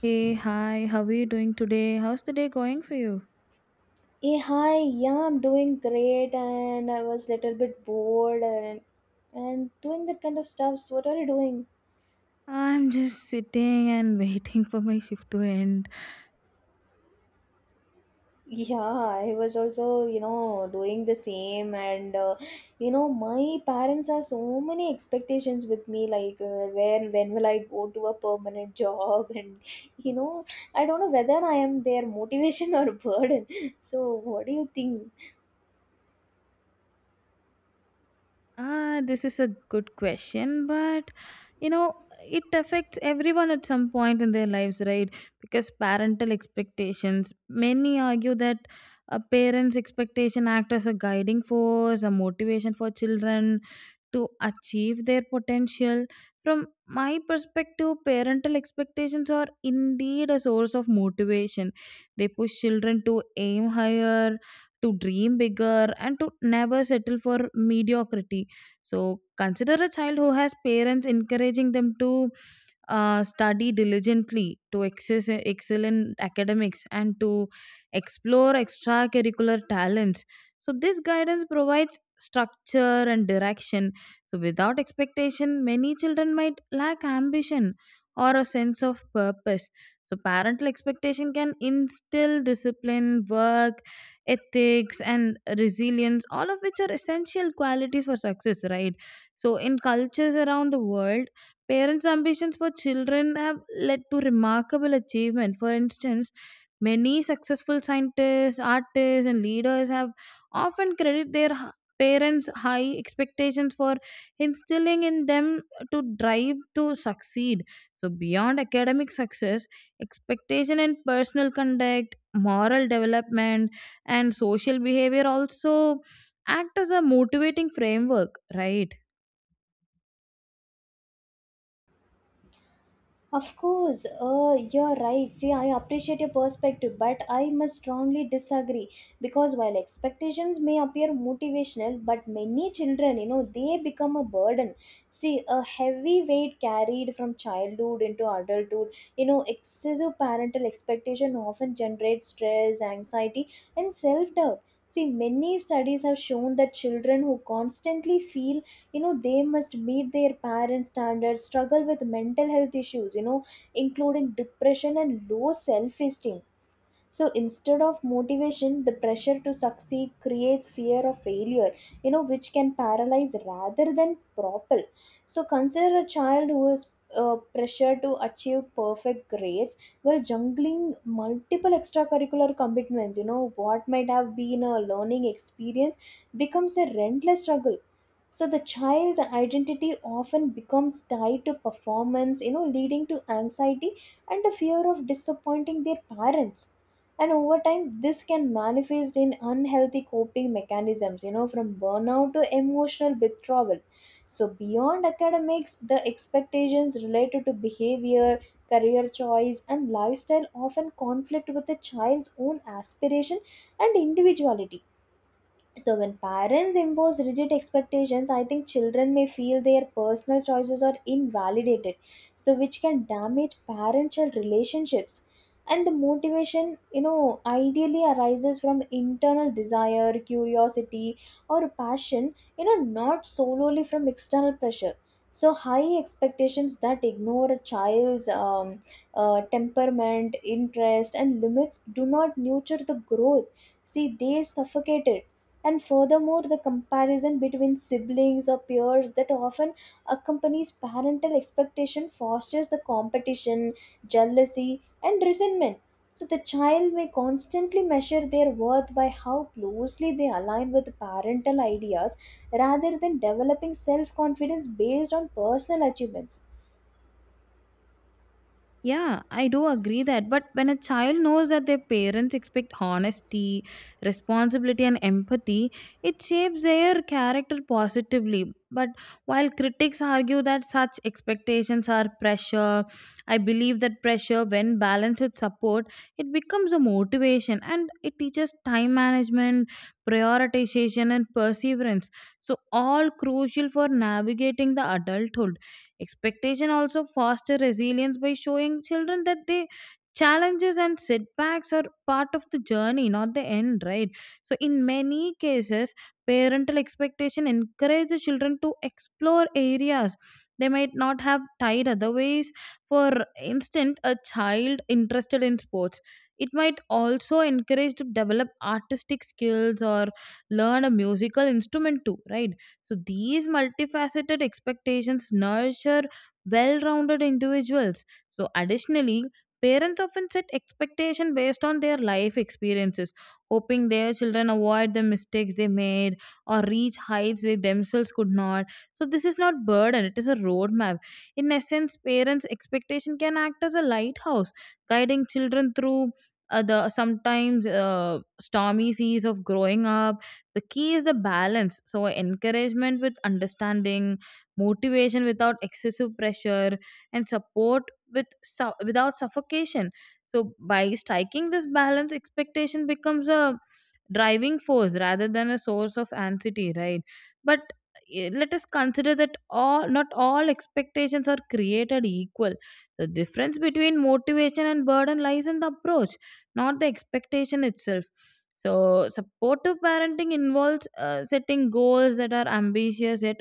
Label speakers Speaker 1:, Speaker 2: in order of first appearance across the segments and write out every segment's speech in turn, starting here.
Speaker 1: Hey, hi, how are you doing today? How's the day going for you?
Speaker 2: Hey, hi, yeah, I'm doing great and I was a little bit bored and doing that kind of stuff. So what are you doing?
Speaker 1: I'm just sitting and waiting for my shift to end.
Speaker 2: Yeah, I was also, you know, doing the same and you know, my parents have so many expectations with me like when will I go to a permanent job and you know, I don't know whether I am their motivation or burden. So what do you think?
Speaker 1: Ah, this is a good question, but you know, it affects everyone at some point in their lives, right? Because parental expectations, many argue that a parent's expectation act as a guiding force, a motivation for children to achieve their potential. From my perspective, parental expectations are indeed a source of motivation. They push children to aim higher, to dream bigger, and to never settle for mediocrity, so consider a child who has parents encouraging them to study diligently to access excel in academics and to explore extracurricular talents. So this guidance provides structure and direction. So without expectation, many children might lack ambition or a sense of purpose. So parental expectation can instill discipline, work, ethics, and resilience, all of which are essential qualities for success, right? So in cultures around the world, parents' ambitions for children have led to remarkable achievement. For instance, many successful scientists, artists, and leaders have often credit their parents' high expectations for instilling in them to drive to succeed. So beyond academic success, expectation in personal conduct, moral development, and social behavior also act as a motivating framework, right?
Speaker 2: Of course, you're right. See, I appreciate your perspective, but I must strongly disagree because while expectations may appear motivational, but many children, you know, they become a burden. See, a heavy weight carried from childhood into adulthood, you know, excessive parental expectation often generates stress, anxiety, and self doubt. See, many studies have shown that children who constantly feel you know they must meet their parents standards struggle with mental health issues, you know, including depression and low self esteem. So instead of motivation, the pressure to succeed creates fear of failure, you know, which can paralyze rather than propel. So consider a child who is pressured to achieve perfect grades while juggling multiple extracurricular commitments. You know, what might have been a learning experience becomes a relentless struggle. So the child's identity often becomes tied to performance, you know, leading to anxiety and a fear of disappointing their parents. And over time this can manifest in unhealthy coping mechanisms, you know, from burnout to emotional withdrawal. So beyond academics, the expectations related to behavior, career choice, and lifestyle often conflict with the child's own aspiration and individuality. So, when parents impose rigid expectations, I think children may feel their personal choices are invalidated, so which can damage parent child relationships. And the motivation, you know, ideally arises from internal desire, curiosity, or passion, you know, not solely from external pressure. So, high expectations that ignore a child's temperament, interest, and limits do not nurture the growth. See, they suffocate it. And furthermore, the comparison between siblings or peers that often accompanies parental expectation fosters the competition, jealousy, and resentment. So the child may constantly measure their worth by how closely they align with parental ideas rather than developing self confidence based on personal achievements.
Speaker 1: Yeah, I do agree that. But when a child knows that their parents expect honesty, responsibility, and empathy, it shapes their character positively. But while critics argue that such expectations are pressure, I believe that pressure, when balanced with support, it becomes a motivation and it teaches time management, prioritization, and perseverance. So, all crucial for navigating the adulthood. Expectation also foster resilience by showing children that the challenges and setbacks are part of the journey, not the end, right? So in many cases parental expectation encourage the children to explore areas they might not have tried otherwise. For instance, a child interested in sports, it might also encourage to develop artistic skills or learn a musical instrument too, right? So these multifaceted expectations nurture well-rounded individuals. So additionally, parents often set expectation based on their life experiences, hoping their children avoid the mistakes they made or reach heights they themselves could not. So this is not burden, it is a roadmap. In essence, parents' expectation can act as a lighthouse, guiding children through the sometimes stormy seas of growing up. The key is the balance, so encouragement with understanding, motivation without excessive pressure, and support without suffocation. So by striking this balance, expectation becomes a driving force rather than a source of anxiety, right? But let us consider that all not all expectations are created equal. The difference between motivation and burden lies in the approach, not the expectation itself. So supportive parenting involves setting goals that are ambitious yet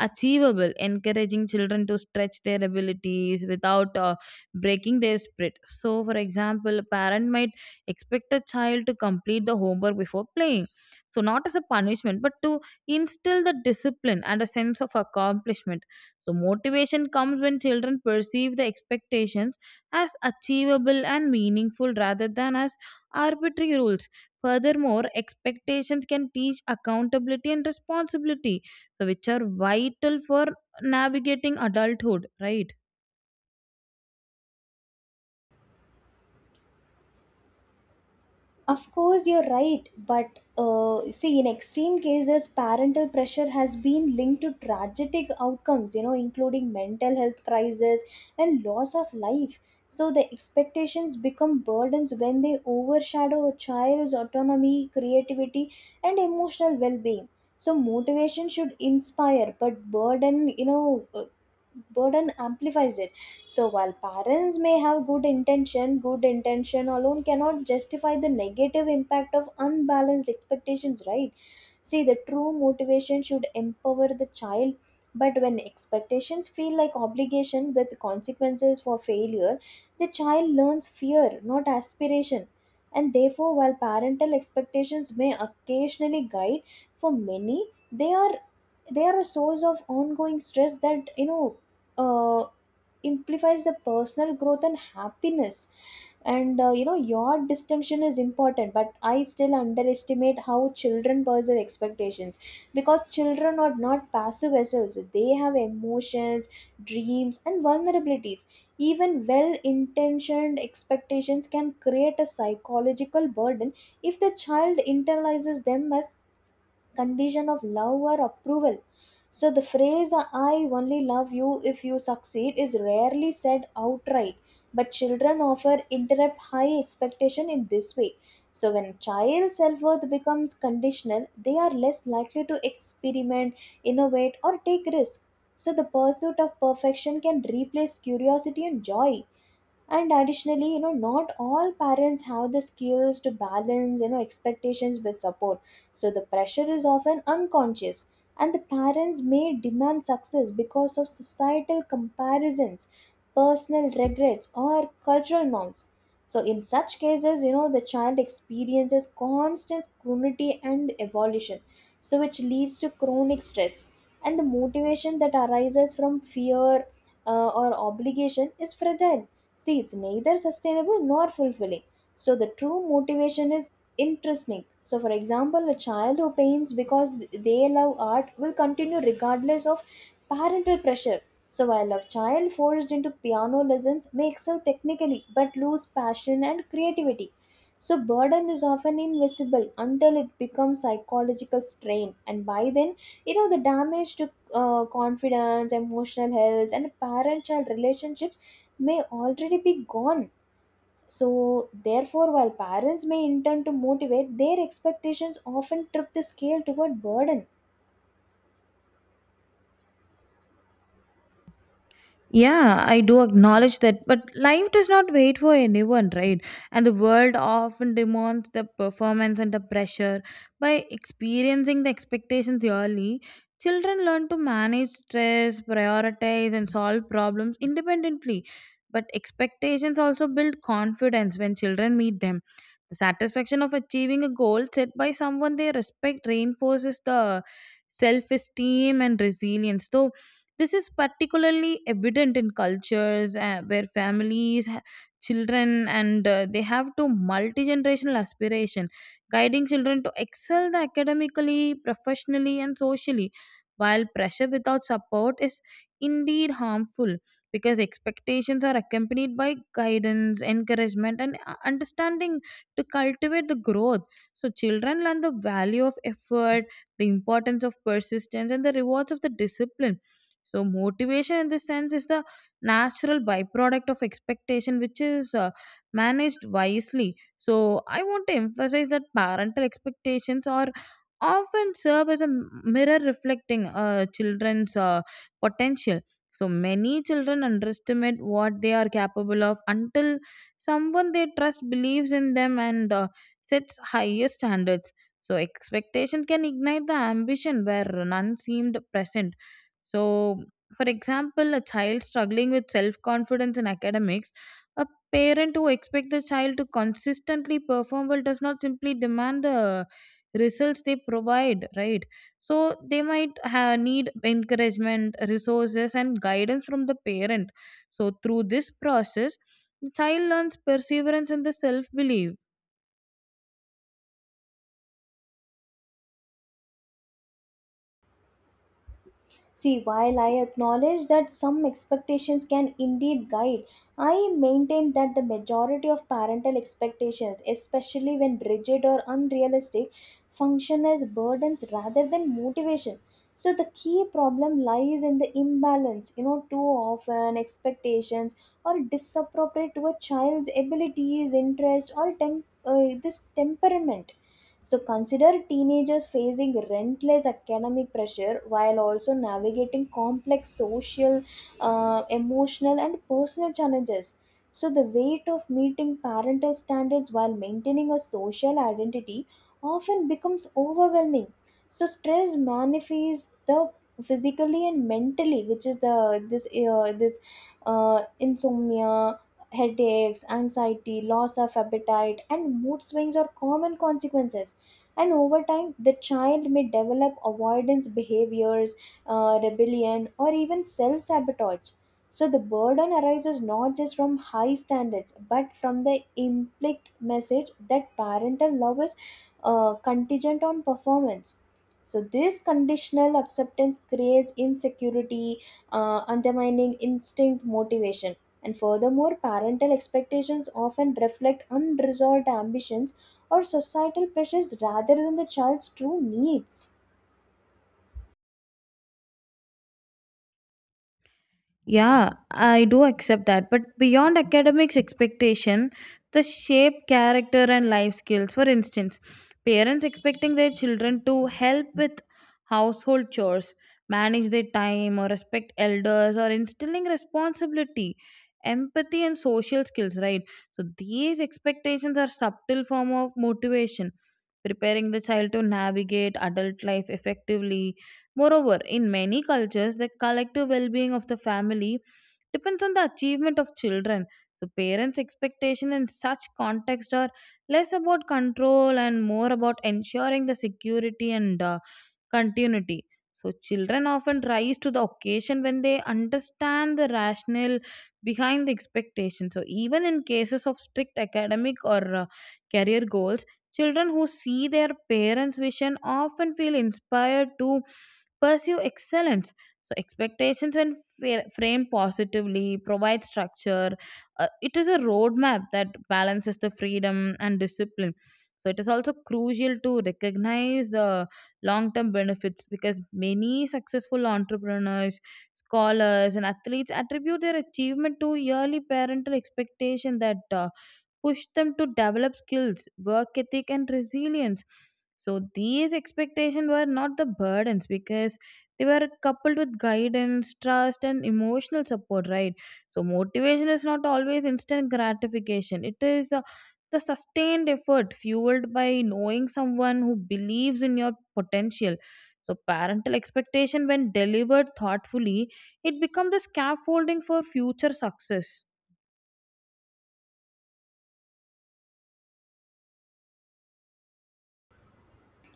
Speaker 1: achievable, encouraging children to stretch their abilities without breaking their spirit. So, for example, a parent might expect a child to complete the homework before playing. So, not as a punishment, but to instill the discipline and a sense of accomplishment. So motivation comes when children perceive the expectations as achievable and meaningful rather than as arbitrary rules. Furthermore, expectations can teach accountability and responsibility, so which are vital for navigating adulthood, right?
Speaker 2: You're right. But see, in extreme cases, parental pressure has been linked to tragic outcomes, you know, including mental health crisis and loss of life. So the expectations become burdens when they overshadow a child's autonomy, creativity, and emotional well being. So motivation should inspire, but burden, you know, burden amplifies it. So while parents may have good intention alone cannot justify the negative impact of unbalanced expectations, right? See, the true motivation should empower the child, but when expectations feel like obligation with consequences for failure, the child learns fear, not aspiration. And therefore, while parental expectations may occasionally guide, for many they are a source of ongoing stress that, you know, uh amplifies the personal growth and happiness. And you know, your distinction is important but I still underestimate how children perceive expectations because children are not passive vessels. They have emotions, dreams, and vulnerabilities. Even well intentioned expectations can create a psychological burden if the child internalizes them as condition of love or approval. So the phrase I only love you if you succeed is rarely said outright, but children often interrupt high expectation in this way. So, when child self worth becomes conditional, they are less likely to experiment, innovate, or take risks. So, the pursuit of perfection can replace curiosity and joy. And additionally, you know, not all parents have the skills to balance, you know, expectations with support. So, the pressure is often unconscious. And the parents may demand success because of societal comparisons, personal regrets, or cultural norms. So, in such cases, you know, the child experiences constant scrutiny and evolution, so which leads to chronic stress. And the motivation that arises from fear or obligation is fragile. See, it's neither sustainable nor fulfilling. So the true motivation is intrinsic. So, for example, a child who paints because they love art will continue regardless of parental pressure. So, while a child forced into piano lessons may excel technically but lose passion and creativity. So, burden is often invisible until it becomes psychological strain, and by then, you know, the damage to confidence, emotional health, and parent child relationships may already be gone. So, therefore, while parents may intend to motivate, their expectations often trip the scale toward burden.
Speaker 1: Yeah, I do acknowledge that, but life does not wait for anyone, right? And the world often demands the performance and the pressure. By experiencing the expectations early, children learn to manage stress, prioritize, and solve problems independently. But expectations also build confidence when children meet them. The satisfaction of achieving a goal set by someone they respect reinforces the self esteem and resilience. Though this is particularly evident in cultures where families, children, and they have to multi generational aspiration, guiding children to excel the academically, professionally, and socially. While pressure without support is indeed harmful, because expectations are accompanied by guidance, encouragement, and understanding to cultivate the growth. So children learn the value of effort, the importance of persistence, and the rewards of the discipline. So motivation in this sense is the natural byproduct of expectation, which is managed wisely. So I want to emphasize that parental expectations are often serve as a mirror reflecting children's potential. So many children underestimate what they are capable of until someone they trust believes in them and sets higher standards. So expectations can ignite the ambition where none seemed present. So, for example, a child struggling with self confidence in academics, a parent who expects the child to consistently perform well does not simply demand the results they provide, right? So they might need encouragement, resources, and guidance from the parent. So through this process, the child learns perseverance and the self belief.
Speaker 2: See, while I acknowledge that some expectations can indeed guide, I maintain that the majority of parental expectations, especially when rigid or unrealistic, function as burdens rather than motivation. So the key problem lies in the imbalance. You know, too often expectations are disappropriate to a child's abilities, interest, or tem this temperament. So consider teenagers facing relentless academic pressure while also navigating complex social, emotional, and personal challenges. So the weight of meeting parental standards while maintaining a social identity often becomes overwhelming. So stress manifests the physically and mentally, which is the this this insomnia, headaches, anxiety, loss of appetite, and mood swings are common consequences. And over time the child may develop avoidance behaviors, rebellion, or even self-sabotage. So the burden arises not just from high standards but from the implicit message that parental love is contingent on performance. So, this conditional acceptance creates insecurity, undermining instinct motivation. And furthermore, parental expectations often reflect unresolved ambitions or societal pressures rather than the child's true needs.
Speaker 1: Yeah, I do accept that. But beyond academics expectation, the shape, character, and life skills. For instance, parents expecting their children to help with household chores, manage their time, or respect elders, or instilling responsibility, empathy, and social skills, right? So these expectations are subtle form of motivation, preparing the child to navigate adult life effectively. Moreover, in many cultures, the collective well being of the family depends on the achievement of children. So parents' expectations in such context are less about control and more about ensuring the security and continuity. So children often rise to the occasion when they understand the rationale behind the expectation. So, even in cases of strict academic or career goals, children who see their parents' vision often feel inspired to pursue excellence. So expectations, when framed positively, provide structure. It is a roadmap that balances the freedom and discipline. So it is also crucial to recognize the long term benefits, because many successful entrepreneurs, scholars, and athletes attribute their achievement to yearly parental expectation that push them to develop skills, work ethic, and resilience. So these expectations were not the burdens because they were coupled with guidance, trust, and emotional support, right? So motivation is not always instant gratification. It is the sustained effort fueled by knowing someone who believes in your potential. So parental expectation, when delivered thoughtfully, it becomes the scaffolding for future success.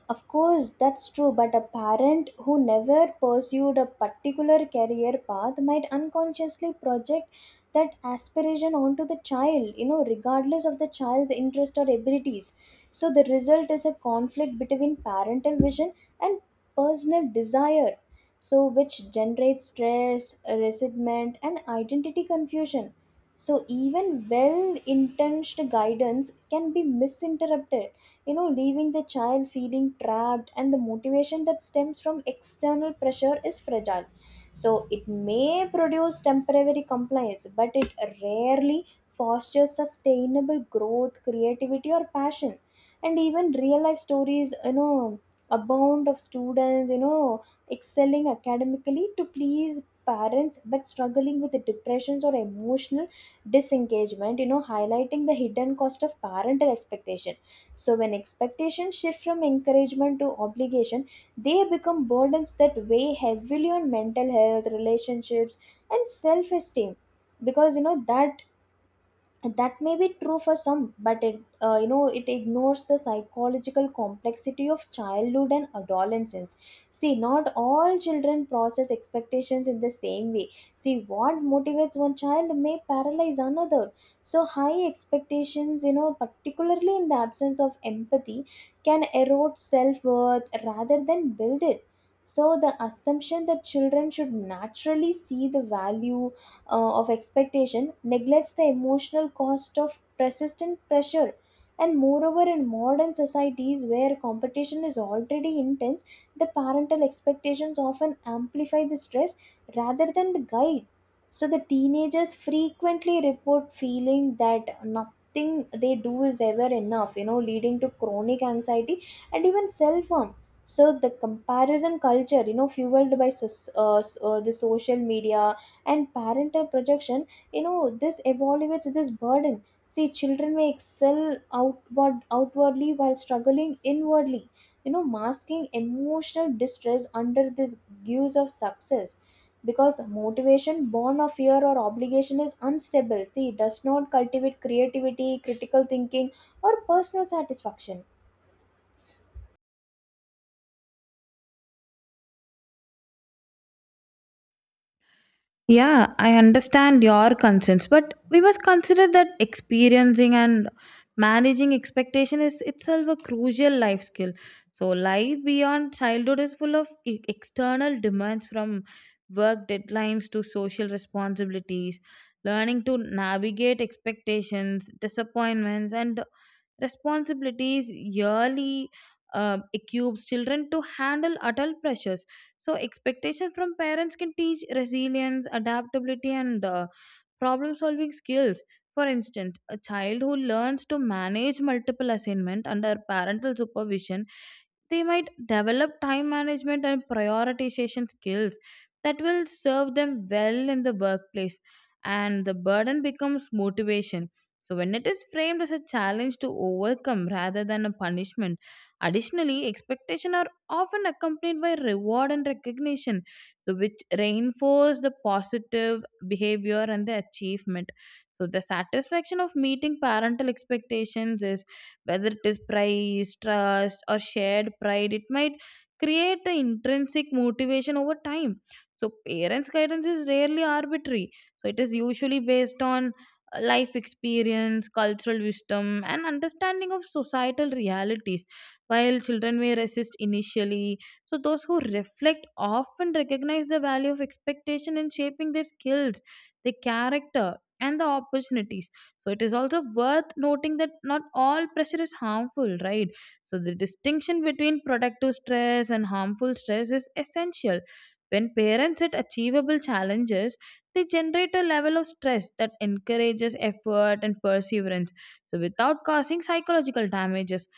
Speaker 2: Of course, that's true, but a parent who never pursued a particular career path might unconsciously project that aspiration onto the child, you know, regardless of the child's interest or abilities. So the result is a conflict between parental vision and personal desire, so which generates stress, resentment, and identity confusion. So even well-intentioned guidance can be misinterpreted, you know, leaving the child feeling trapped. And the motivation that stems from external pressure is fragile. So it may produce temporary compliance, but it rarely fosters sustainable growth, creativity, or passion. And even real life stories, you know, abound of students, you know, excelling academically to please parents but struggling with depressions or emotional disengagement, you know, highlighting the hidden cost of parental expectation. So, when expectations shift from encouragement to obligation, they become burdens that weigh heavily on mental health, relationships, and self esteem. Because you know that may be true for some, but it, you know, it ignores the psychological complexity of childhood and adolescence. See, not all children process expectations in the same way. See what motivates one child may paralyze another. So high expectations, you know, particularly in the absence of empathy, can erode self-worth rather than build it. So the assumption that children should naturally see the value of expectation neglects the emotional cost of persistent pressure. And moreover, in modern societies where competition is already intense, the parental expectations often amplify the stress rather than the guide. So the teenagers frequently report feeling that nothing they do is ever enough, you know, leading to chronic anxiety and even self harm. So the comparison culture, you know, fueled by the social media and parental projection, you know, this evaluates this burden. See children may excel outwardly while struggling inwardly, you know, masking emotional distress under this guise of success. Because motivation born of fear or obligation is unstable. See it does not cultivate creativity, critical thinking, or personal satisfaction.
Speaker 1: Yeah, I understand your concerns, but we must consider that experiencing and managing expectation is itself a crucial life skill. So life beyond childhood is full of external demands, from work deadlines to social responsibilities. Learning to navigate expectations, disappointments, and responsibilities yearly equips children to handle adult pressures. So expectation from parents can teach resilience, adaptability, and problem solving skills. For instance, a child who learns to manage multiple assignment under parental supervision, they might develop time management and prioritization skills that will serve them well in the workplace. And the burden becomes motivation, so when it is framed as a challenge to overcome rather than a punishment. Additionally, expectation are often accompanied by reward and recognition, so which reinforce the positive behavior and the achievement. So the satisfaction of meeting parental expectations is, whether it is praise, trust, or shared pride, it might create the intrinsic motivation over time. So parents' guidance is rarely arbitrary. So it is usually based on life experience, cultural wisdom, and understanding of societal realities. While children may resist initially, so those who reflect often recognize the value of expectation in shaping their skills, their character, and the opportunities. So it is also worth noting that not all pressure is harmful, right? So the distinction between productive stress and harmful stress is essential. When parents set achievable challenges, they generate a level of stress that encourages effort and perseverance, so without causing psychological damages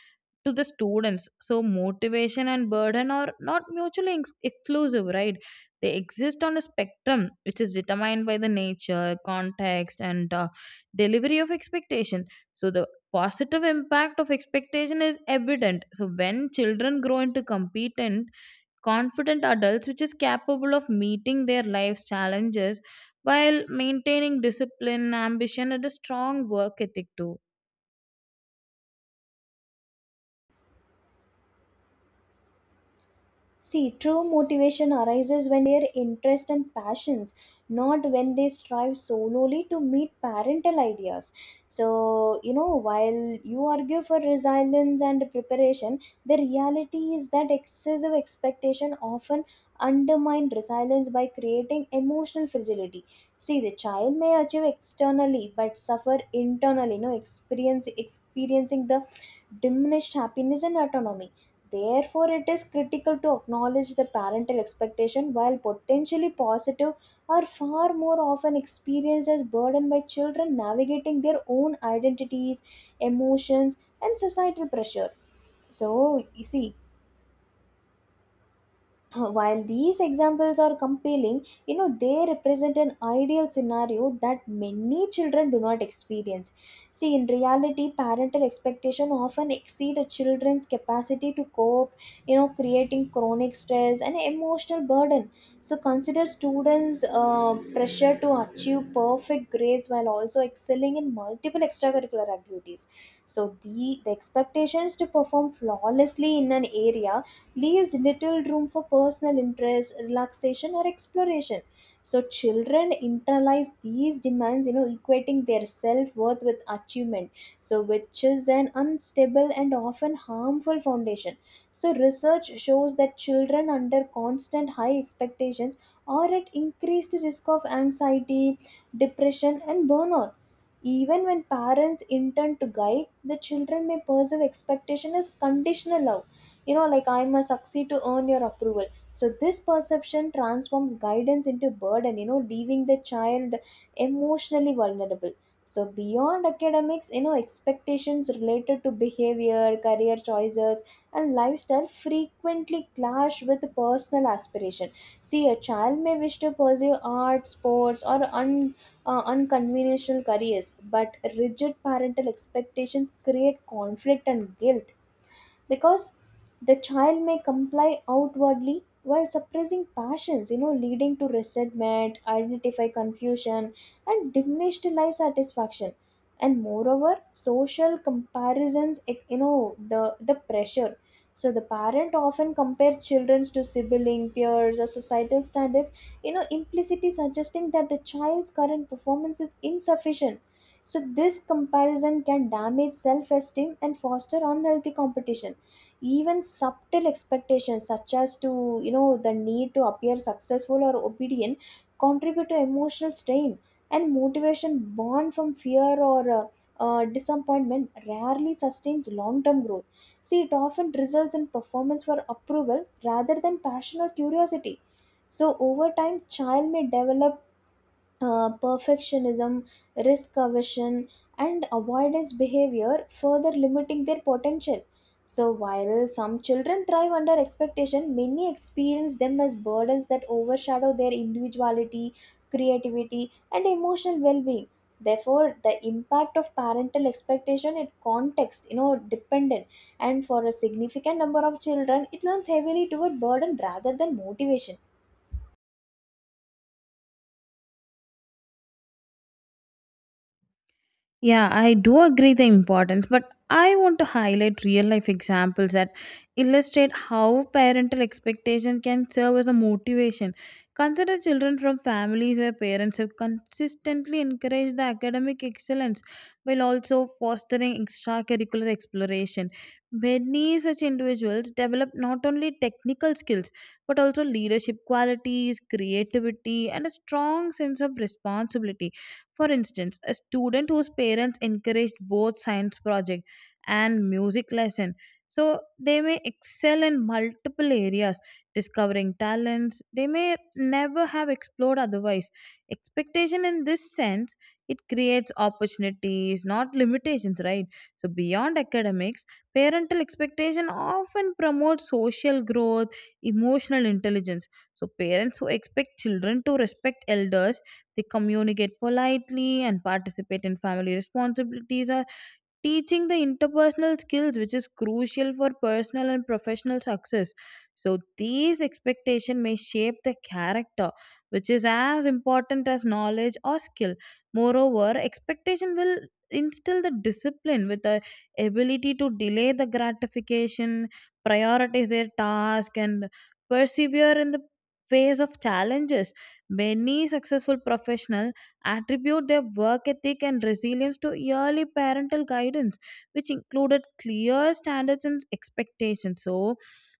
Speaker 1: to the students. So motivation and burden are not mutually exclusive, right? They exist on a spectrum which is determined by the nature, context, and delivery of expectation. So the positive impact of expectation is evident. So when children grow into competent, confident adults, which is capable of meeting their life's challenges while maintaining discipline, ambition, and a strong work ethic, too.
Speaker 2: See, true motivation arises when their interest and passions, not when they strive solely to meet parental ideas. So, you know, while you argue for resilience and preparation, the reality is that excessive expectation often undermine resilience by creating emotional fragility. See, the child may achieve externally but suffer internally, you know, experience experiencing the diminished happiness and autonomy. Therefore, it is critical to acknowledge the parental expectation while potentially positive are far more often experienced as burden by children navigating their own identities, emotions, and societal pressure. So, you see, while these examples are compelling, you know, they represent an ideal scenario that many children do not experience. See, in reality, parental expectation often exceed a children's capacity to cope, you know, creating chronic stress and emotional burden. So consider students' pressure to achieve perfect grades while also excelling in multiple extracurricular activities. So the expectations to perform flawlessly in an area leaves little room for personal interest, relaxation, or exploration. So children internalize these demands, you know, equating their self worth with achievement. So which is an unstable and often harmful foundation. So research shows that children under constant high expectations are at increased risk of anxiety, depression, and burnout. Even when parents intend to guide, the children may perceive expectation as conditional love, you know, like I must succeed to earn your approval. So this perception transforms guidance into burden, you know, leaving the child emotionally vulnerable. So beyond academics, you know, expectations related to behavior, career choices, and lifestyle frequently clash with personal aspiration. See, a child may wish to pursue art, sports, or unconventional careers, but rigid parental expectations create conflict and guilt, because the child may comply outwardly while suppressing passions, you know, leading to resentment, identify confusion, and diminished life satisfaction. And moreover, social comparisons you know, the pressure. So the parent often compare children to sibling peers or societal standards, you know, implicitly suggesting that the child's current performance is insufficient. So this comparison can damage self-esteem and foster unhealthy competition. Even subtle expectations, such as to, you know, the need to appear successful or obedient, contribute to emotional strain, and motivation born from fear or disappointment rarely sustains long-term growth. See, it often results in performance for approval rather than passion or curiosity. So over time, child may develop perfectionism, risk aversion, and avoidance behavior, further limiting their potential. So, while some children thrive under expectation, many experience them as burdens that overshadow their individuality, creativity, and emotional well being. Therefore, the impact of parental expectation in context, you know, dependent, and for a significant number of children, it leans heavily toward burden rather than motivation.
Speaker 1: Yeah, I do agree the importance, but I want to highlight real life examples that illustrate how parental expectation can serve as a motivation. Consider children from families where parents have consistently encouraged the academic excellence while also fostering extracurricular exploration. Many such individuals develop not only technical skills but also leadership qualities, creativity, and a strong sense of responsibility. For instance, a student whose parents encouraged both science project and music lesson, so they may excel in multiple areas, discovering talents they may never have explored otherwise. Expectation in this sense, it creates opportunities, not limitations, right? So beyond academics, parental expectation often promotes social growth, emotional intelligence. So parents who expect children to respect elders, they communicate politely and participate in family responsibilities, teaching the interpersonal skills which is crucial for personal and professional success. So these expectation may shape the character, which is as important as knowledge or skill. Moreover, expectation will instill the discipline, with the ability to delay the gratification, prioritize their task, and persevere in the face of challenges. Many successful professionals attribute their work ethic and resilience to early parental guidance, which included clear standards and expectations. So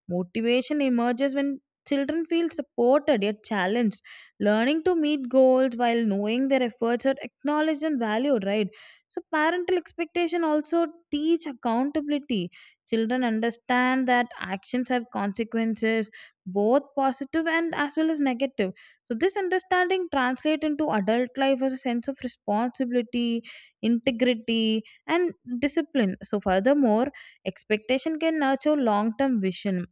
Speaker 1: motivation emerges when children feel supported yet challenged, learning to meet goals while knowing their efforts are acknowledged and valued, right? So parental expectation also teach accountability. Children understand that actions have consequences, both positive and as well as negative. So this understanding translates into adult life as a sense of responsibility, integrity, and discipline. So furthermore, expectation can nurture long-term vision.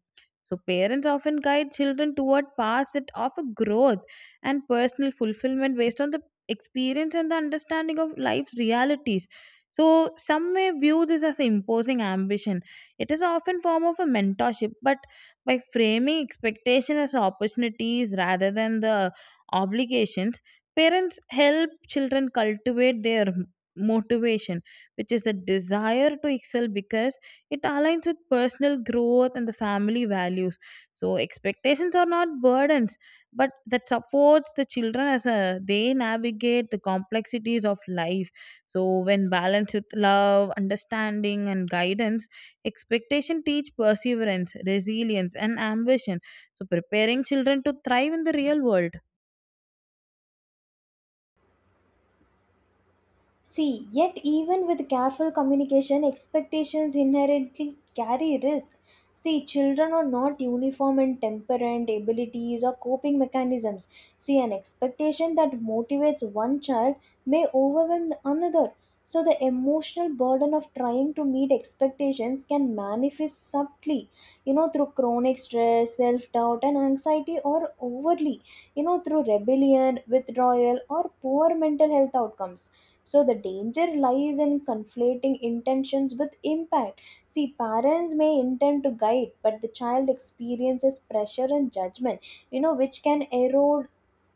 Speaker 1: So parents often guide children toward paths that offer growth and personal fulfillment, based on the experience and the understanding of life's realities. So some may view this as imposing ambition. It is often form of a mentorship, but by framing expectation as opportunities rather than the obligations, parents help children cultivate their motivation, which is a desire to excel because it aligns with personal growth and the family values. So expectations are not burdens, but that supports the children as a, they navigate the complexities of life. So when balanced with love, understanding, and guidance, expectation teach perseverance, resilience, and ambition. So preparing children to thrive in the real world.
Speaker 2: See, yet even with careful communication, expectations inherently carry risk. See, children are not uniform in temperament, abilities, or coping mechanisms. See, an expectation that motivates one child may overwhelm another. So, the emotional burden of trying to meet expectations can manifest subtly, you know, through chronic stress, self doubt, and anxiety, or overly, you know, through rebellion, withdrawal, or poor mental health outcomes. So the danger lies in conflating intentions with impact. See, parents may intend to guide, but the child experiences pressure and judgment, you know, which can erode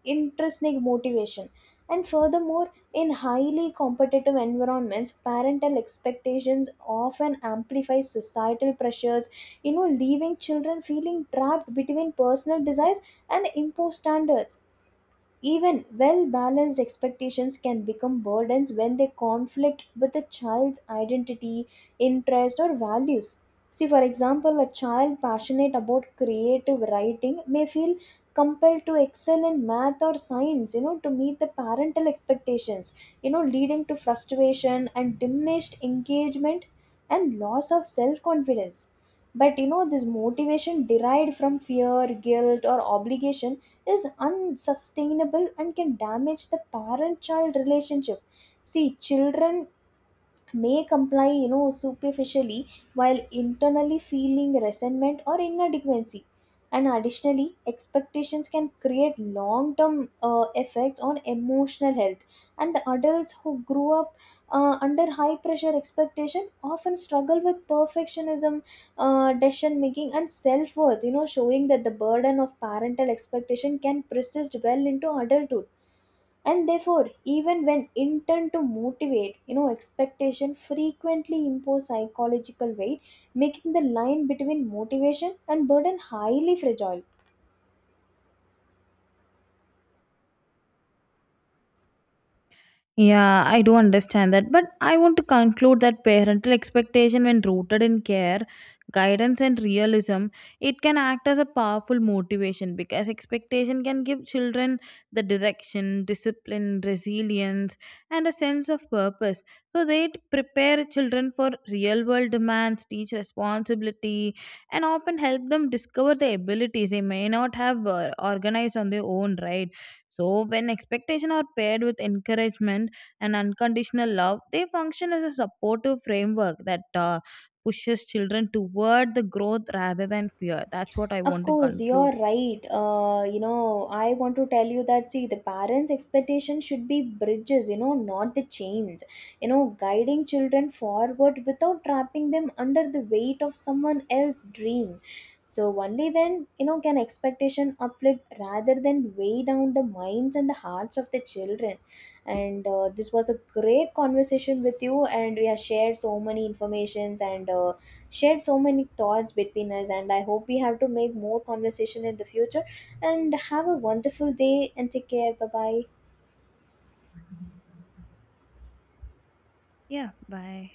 Speaker 2: intrinsic motivation. And furthermore, in highly competitive environments, parental expectations often amplify societal pressures, you know, leaving children feeling trapped between personal desires and imposed standards. Even well balanced expectations can become burdens when they conflict with a child's identity, interest, or values. See, for example, a child passionate about creative writing may feel compelled to excel in math or science, you know, to meet the parental expectations, you know, leading to frustration and diminished engagement and loss of self confidence. But you know, this motivation derived from fear, guilt, or obligation is unsustainable and can damage the parent child relationship. See, children may comply, you know, superficially while internally feeling resentment or inadequacy. And additionally, expectations can create long term effects on emotional health, and the adults who grew up under high pressure expectation often struggle with perfectionism, decision making, and self worth, you know, showing that the burden of parental expectation can persist well into adulthood. And therefore, even when intent to motivate, you know, expectation frequently impose psychological weight, making the line between motivation and burden highly fragile.
Speaker 1: Yeah, I do understand that, but I want to conclude that parental expectation, when rooted in care, guidance, and realism, it can act as a powerful motivation, because expectation can give children the direction, discipline, resilience, and a sense of purpose. So they prepare children for real world demands, teach responsibility, and often help them discover the abilities they may not have organized on their own, right? So when expectation are paired with encouragement, and unconditional love, they function as a supportive framework that pushes children toward the growth rather than fear. That's what I
Speaker 2: Of
Speaker 1: want to
Speaker 2: course, you're
Speaker 1: conclude.
Speaker 2: right. You know, I want to tell you that, see, the parents' expectation should be bridges, you know, not the chains. You know, guiding children forward without trapping them under the weight of someone else's dream. So only then, you know, can expectation uplift rather than weigh down the minds and the hearts of the children. And this was a great conversation with you, and we have shared so many informations and shared so many thoughts between us, and I hope we have to make more conversation in the future, and have a wonderful day, and take care. Bye bye.
Speaker 1: Yeah, bye.